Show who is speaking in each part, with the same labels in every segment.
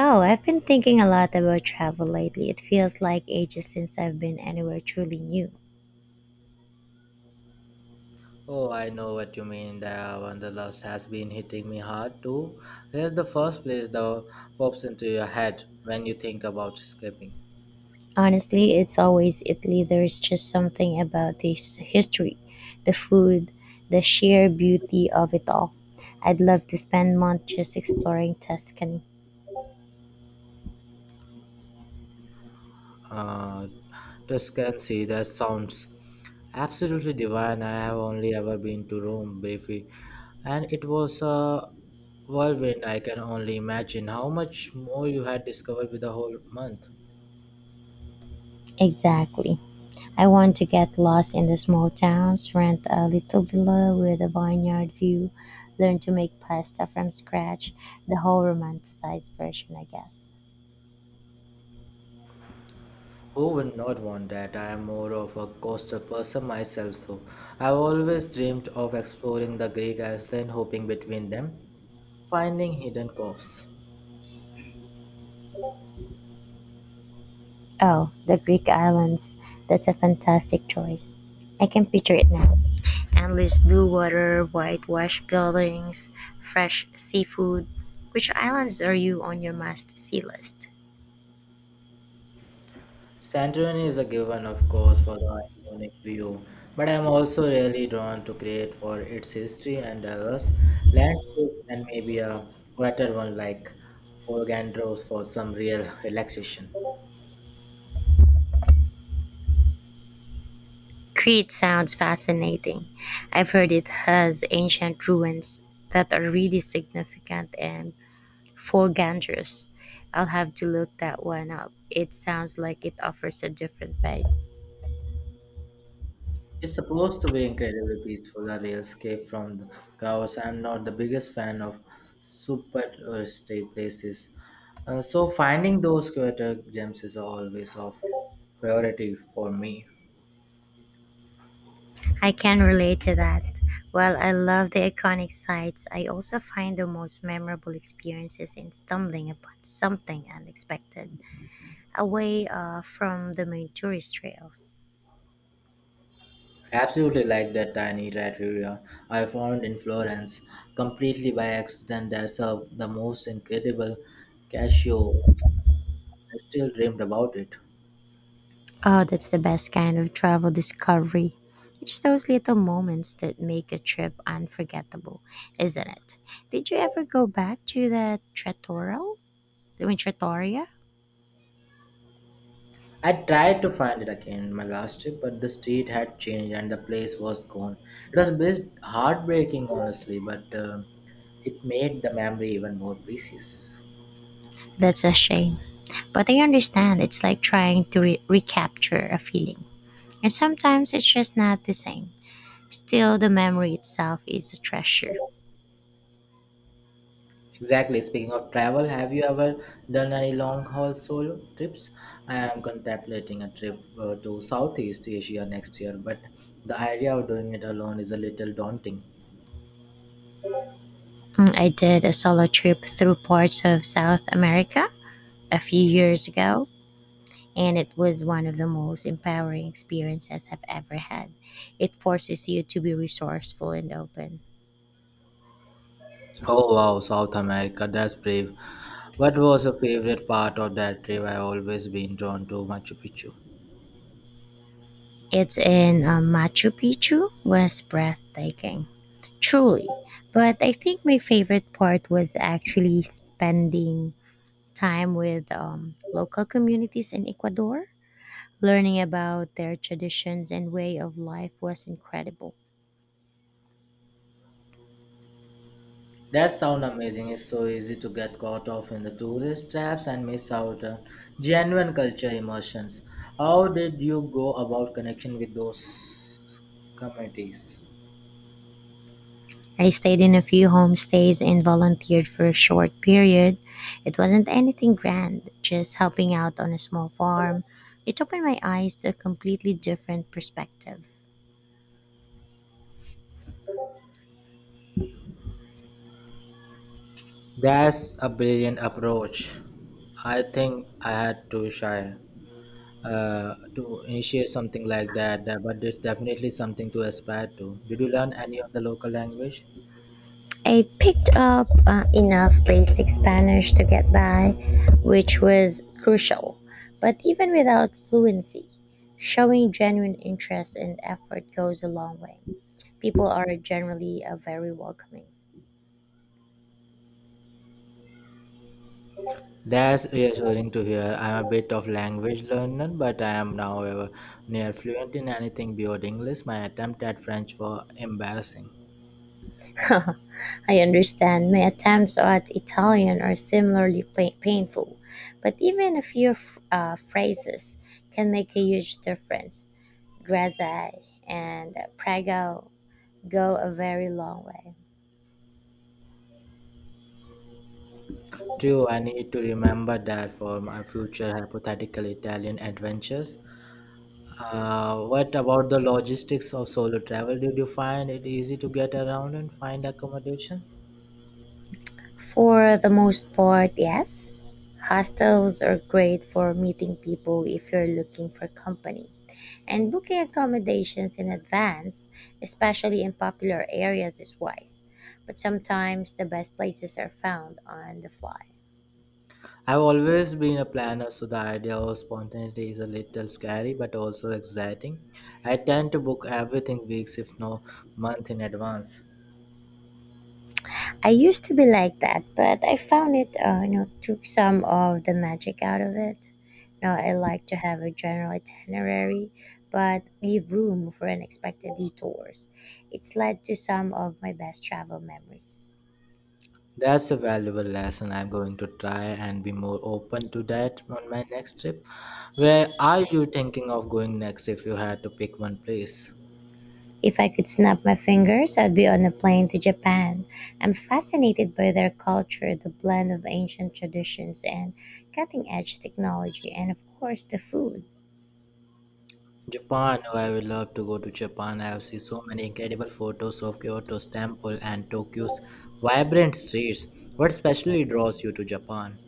Speaker 1: Oh, I've been thinking a lot about travel lately. It feels like ages since I've been anywhere truly new.
Speaker 2: Oh, I know what you mean. The wanderlust has been hitting me hard too. Here's the first place that pops into your head when you think about escaping.
Speaker 1: Honestly, it's always Italy. There's just something about this history, the food, the sheer beauty of it all. I'd love to spend months just exploring Tuscany.
Speaker 2: Uh, Tuscany, that sounds absolutely divine. I have only ever been to Rome briefly, and it was a whirlwind. I can only imagine how much more you had discovered with the whole month.
Speaker 1: Exactly. I want to get lost in the small towns, rent a little villa with a vineyard view, learn to make pasta from scratch, the whole romanticized version, I guess.
Speaker 2: Who would not want that? I am more of a coastal person myself, though. I've always dreamed of exploring the Greek island, hopping between them, finding hidden coves.
Speaker 1: Oh, the Greek islands. That's a fantastic choice. I can picture it now. Endless blue water, whitewashed buildings, fresh seafood. Which islands are you on your must see list?
Speaker 2: Santorini is a given, of course, for the iconic view, but I'm also really drawn to Crete for its history and diverse landscapes, and maybe a quieter one like Forgandros for some real relaxation.
Speaker 1: Crete sounds fascinating. I've heard it has ancient ruins that are really significant, and forgangers. I'll have to look that one up. It sounds like it offers a different pace.
Speaker 2: It's supposed to be incredibly peaceful, a real escape from the chaos. I'm not the biggest fan of super touristy places, so finding those quieter gems is always of priority for me.
Speaker 1: I can relate to that. While I love the iconic sites, I also find the most memorable experiences in stumbling upon something unexpected away from the main tourist trails.
Speaker 2: Absolutely like that tiny trattoria I found in Florence, completely by accident. That's the most incredible cashew. I still dreamed about it.
Speaker 1: Oh, that's the best kind of travel discovery. It's those little moments that make a trip unforgettable, isn't it? Did you ever go back to the Trattoria? I mean, Trattoria?
Speaker 2: I tried to find it again my last trip, but the street had changed and the place was gone. It was a bit heartbreaking, honestly, but it made the memory even more precious.
Speaker 1: That's a shame. But I understand it's like trying to recapture a feeling. And sometimes it's just not the same. Still, the memory itself is a treasure.
Speaker 2: Exactly. Speaking of travel, have you ever done any long haul solo trips? I am contemplating a trip to Southeast Asia next year, but the idea of doing it alone is a little daunting.
Speaker 1: I did a solo trip through parts of South America a few years ago, and it was one of the most empowering experiences I've ever had. It forces you to be resourceful and open.
Speaker 2: Oh wow, South America, that's brave. What was your favorite part of that trip? I always been drawn to Machu Picchu.
Speaker 1: It's in Machu Picchu was breathtaking, truly. But I think my favorite part was actually spending time with local communities in Ecuador. Learning about their traditions and way of life was incredible.
Speaker 2: That sound amazing. It's so easy to get caught off in the tourist traps and miss out on genuine culture immersions. How did you go about connection with those communities?
Speaker 1: I stayed in a few homestays and volunteered for a short period. It wasn't anything grand, just helping out on a small farm. It opened my eyes to a completely different perspective.
Speaker 2: That's a brilliant approach. I think I had to shy to initiate something like that, but it's definitely something to aspire to. Did you learn any of the local language?
Speaker 1: I picked up enough basic Spanish to get by, which was crucial. But even without fluency, showing genuine interest and effort goes a long way. People are generally very welcoming.
Speaker 2: That's reassuring to hear. I'm a bit of language learner, but I am now near fluent in anything beyond English. My attempt at French was embarrassing.
Speaker 1: I understand my attempts at Italian are similarly painful, but even a few phrases can make a huge difference. Grazie and prego go a very long way.
Speaker 2: True, I need to remember that for my future hypothetical Italian adventures. What about the logistics of solo travel? Did you find it easy to get around and find accommodation?
Speaker 1: For the most part, yes. Hostels are great for meeting people if you're looking for company. And booking accommodations in advance, especially in popular areas, is wise. But sometimes the best places are found on the fly.
Speaker 2: I've always been a planner, so the idea of spontaneity is a little scary but also exciting. I tend to book everything weeks, if no month in advance.
Speaker 1: I used to be like that, but I found it, took some of the magic out of it. Now I like to have a general itinerary, but leave room for unexpected detours. It's led to some of my best travel memories.
Speaker 2: That's a valuable lesson. I'm going to try and be more open to that on my next trip. Where are you thinking of going next if you had to pick one place?
Speaker 1: If I could snap my fingers, I'd be on a plane to Japan. I'm fascinated by their culture, the blend of ancient traditions and cutting edge technology, and of course, the food.
Speaker 2: Japan. Oh, I would love to go to Japan. I have seen so many incredible photos of Kyoto's temple and Tokyo's vibrant streets. What especially draws you to Japan?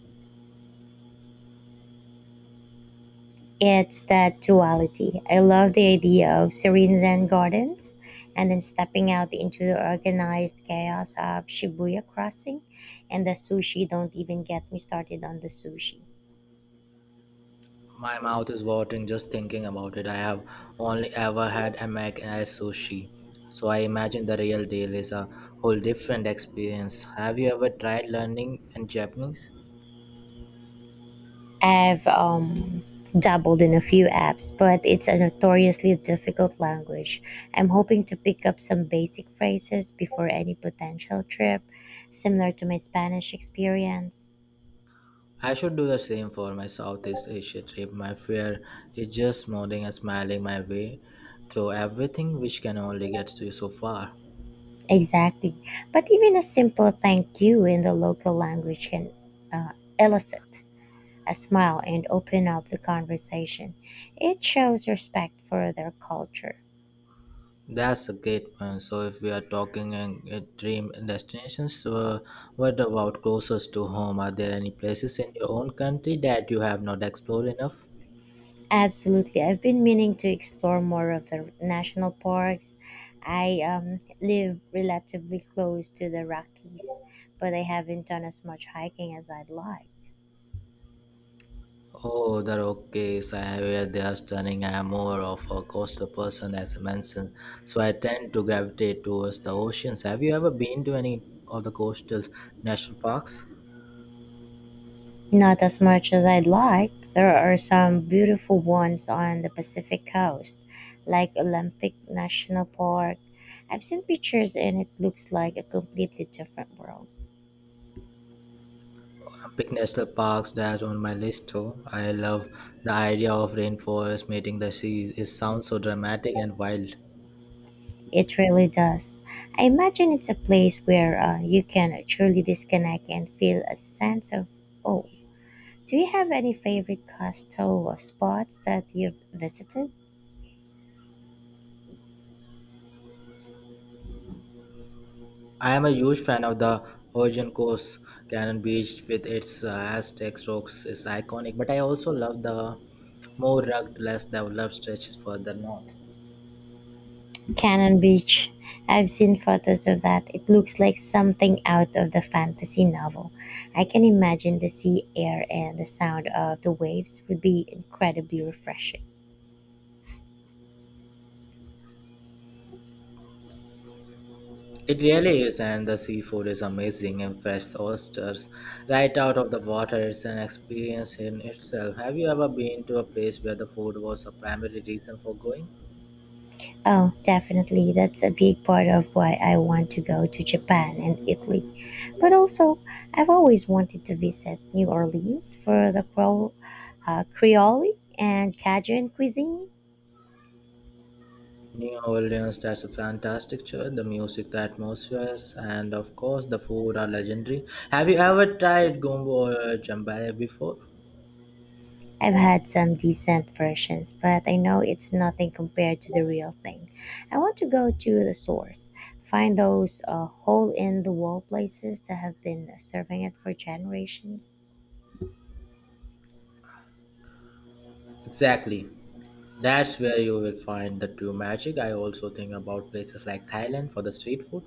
Speaker 1: It's that duality. I love the idea of serene Zen gardens and then stepping out into the organized chaos of Shibuya Crossing, and the sushi. Don't even get me started on the sushi.
Speaker 2: My mouth is watering just thinking about it. I have only ever had a mac as sushi, so I imagine the real deal is a whole different experience. Have you ever tried learning in Japanese?
Speaker 1: I've dabbled in a few apps, but it's a notoriously difficult language. I'm hoping to pick up some basic phrases before any potential trip, similar to my Spanish experience.
Speaker 2: I should do the same for my Southeast Asia trip. My fear is just nodding and smiling my way through everything, which can only get you so far.
Speaker 1: Exactly. But even a simple thank you in the local language can elicit a smile and open up the conversation. It shows respect for their culture.
Speaker 2: That's a great point. So, if we are talking in dream destinations, what about closest to home? Are there any places in your own country that you have not explored enough?
Speaker 1: Absolutely. I've been meaning to explore more of the national parks. I live relatively close to the Rockies, but I haven't done as much hiking as I'd like.
Speaker 2: Oh, the Rockies, I hear they are stunning. I am more of a coastal person, as I mentioned, so I tend to gravitate towards the oceans. Have you ever been to any of the coastal national parks?
Speaker 1: Not as much as I'd like. There are some beautiful ones on the Pacific coast, like Olympic National Park. I've seen pictures and it looks like a completely different world.
Speaker 2: Pick national parks that on my list too. I love the idea of rainforest meeting the sea. It sounds so dramatic and wild.
Speaker 1: It really does. I imagine it's a place where you can truly disconnect and feel a sense of oh. Do you have any favorite coastal spots that you've visited?
Speaker 2: I am a huge fan of the Horizon Coast Cannon Beach with its Aztec rocks is iconic, but I also love the more rugged, less developed stretches further north.
Speaker 1: Cannon Beach. I've seen photos of that. It looks like something out of the fantasy novel. I can imagine the sea air and the sound of the waves would be incredibly refreshing.
Speaker 2: It really is, and the seafood is amazing and fresh oysters right out of the water. It's an experience in itself. Have you ever been to a place where the food was a primary reason for going?
Speaker 1: Oh, definitely. That's a big part of why I want to go to Japan and Italy. But also, I've always wanted to visit New Orleans for the Creole and Cajun cuisine.
Speaker 2: New Orleans has a fantastic church. The music, the atmosphere, and of course, the food are legendary. Have you ever tried gumbo or jambalaya before?
Speaker 1: I've had some decent versions, but I know it's nothing compared to the real thing. I want to go to the source, find those hole in the wall places that have been serving it for generations.
Speaker 2: Exactly. That's where you will find the true magic. I also think about places like Thailand for the street food.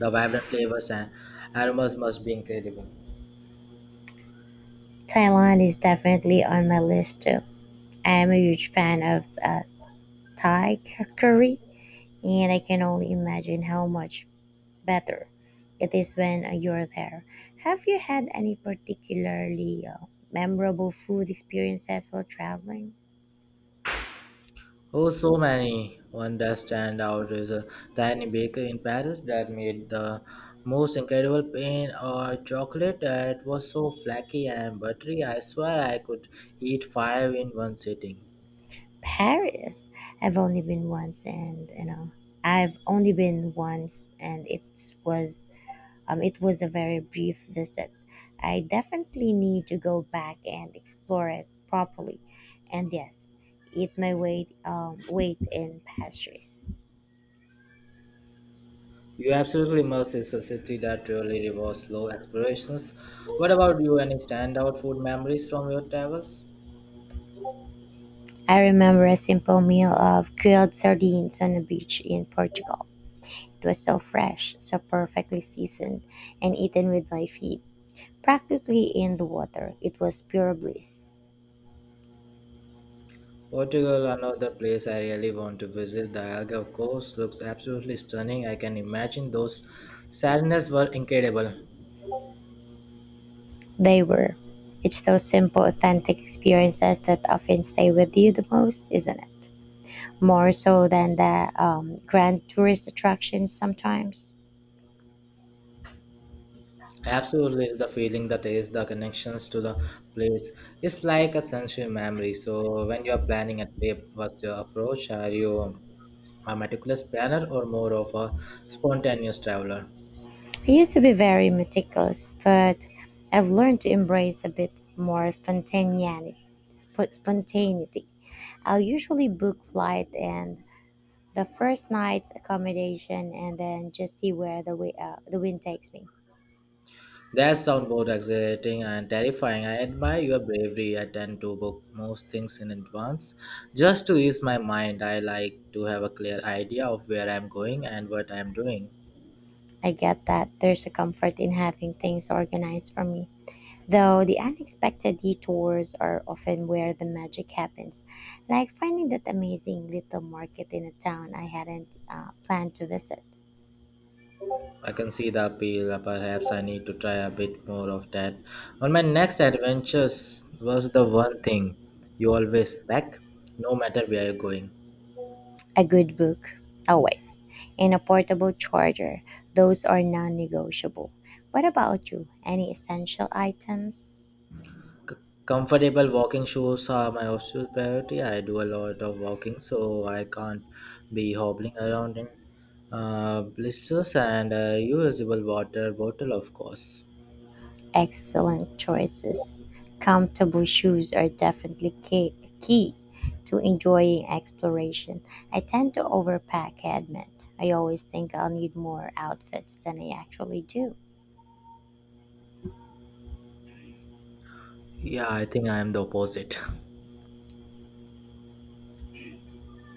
Speaker 2: The vibrant flavors and aromas must be incredible.
Speaker 1: Thailand is definitely on my list too. I am a huge fan of Thai curry, and I can only imagine how much better it is when you're there. Have you had any particularly memorable food experiences while traveling?
Speaker 2: Oh, so many. One that stand out is a tiny bakery in Paris that made the most incredible pain or chocolate that was so flaky and buttery. I swear I could eat five in one sitting.
Speaker 1: Paris. I've only been once, and you know, I've only been once, and was it was a very brief visit. I definitely need to go back and explore it properly. And yes, eat my weight in pastries.
Speaker 2: You absolutely must. It's a city that really rewards slow explorations. What about you? Any standout food memories from your travels?
Speaker 1: I remember a simple meal of grilled sardines on a beach in Portugal. It was so fresh, so perfectly seasoned, and eaten with my feet, practically in the water. It was pure bliss.
Speaker 2: Portugal, another place I really want to visit. The Algarve coast looks absolutely stunning. I can imagine those sadness were incredible.
Speaker 1: They were. It's those simple, authentic experiences that often stay with you the most, isn't it? More so than the grand tourist attractions sometimes.
Speaker 2: Absolutely, the feeling, the taste, the connections to the place. It's like a sensory memory. So, when you're planning a trip, what's your approach? Are you a meticulous planner or more of a spontaneous traveler?
Speaker 1: I used to be very meticulous, but I've learned to embrace a bit more spontaneity. I'll usually book flight and the first night's accommodation and then just see where the wind takes me.
Speaker 2: That sounds both exhilarating and terrifying. I admire your bravery. I tend to book most things in advance. Just to ease my mind, I like to have a clear idea of where I'm going and what I'm doing.
Speaker 1: I get that there's a comfort in having things organized for me. Though the unexpected detours are often where the magic happens, like finding that amazing little market in a town I hadn't planned to visit.
Speaker 2: I can see the appeal. Perhaps I need to try a bit more of that. On my next adventures was the one thing you always pack, no matter where you're going.
Speaker 1: A good book, always, and a portable charger. Those are non negotiable. What about you? Any essential items?
Speaker 2: C- Comfortable walking shoes are my absolute priority. I do a lot of walking, so I can't be hobbling around in blisters and a reusable water bottle, of course.
Speaker 1: Excellent choices. Comfortable shoes are definitely key to enjoying exploration. I tend to overpack, I admit. I always think I'll need more outfits than I actually do.
Speaker 2: Yeah, I think I am the opposite.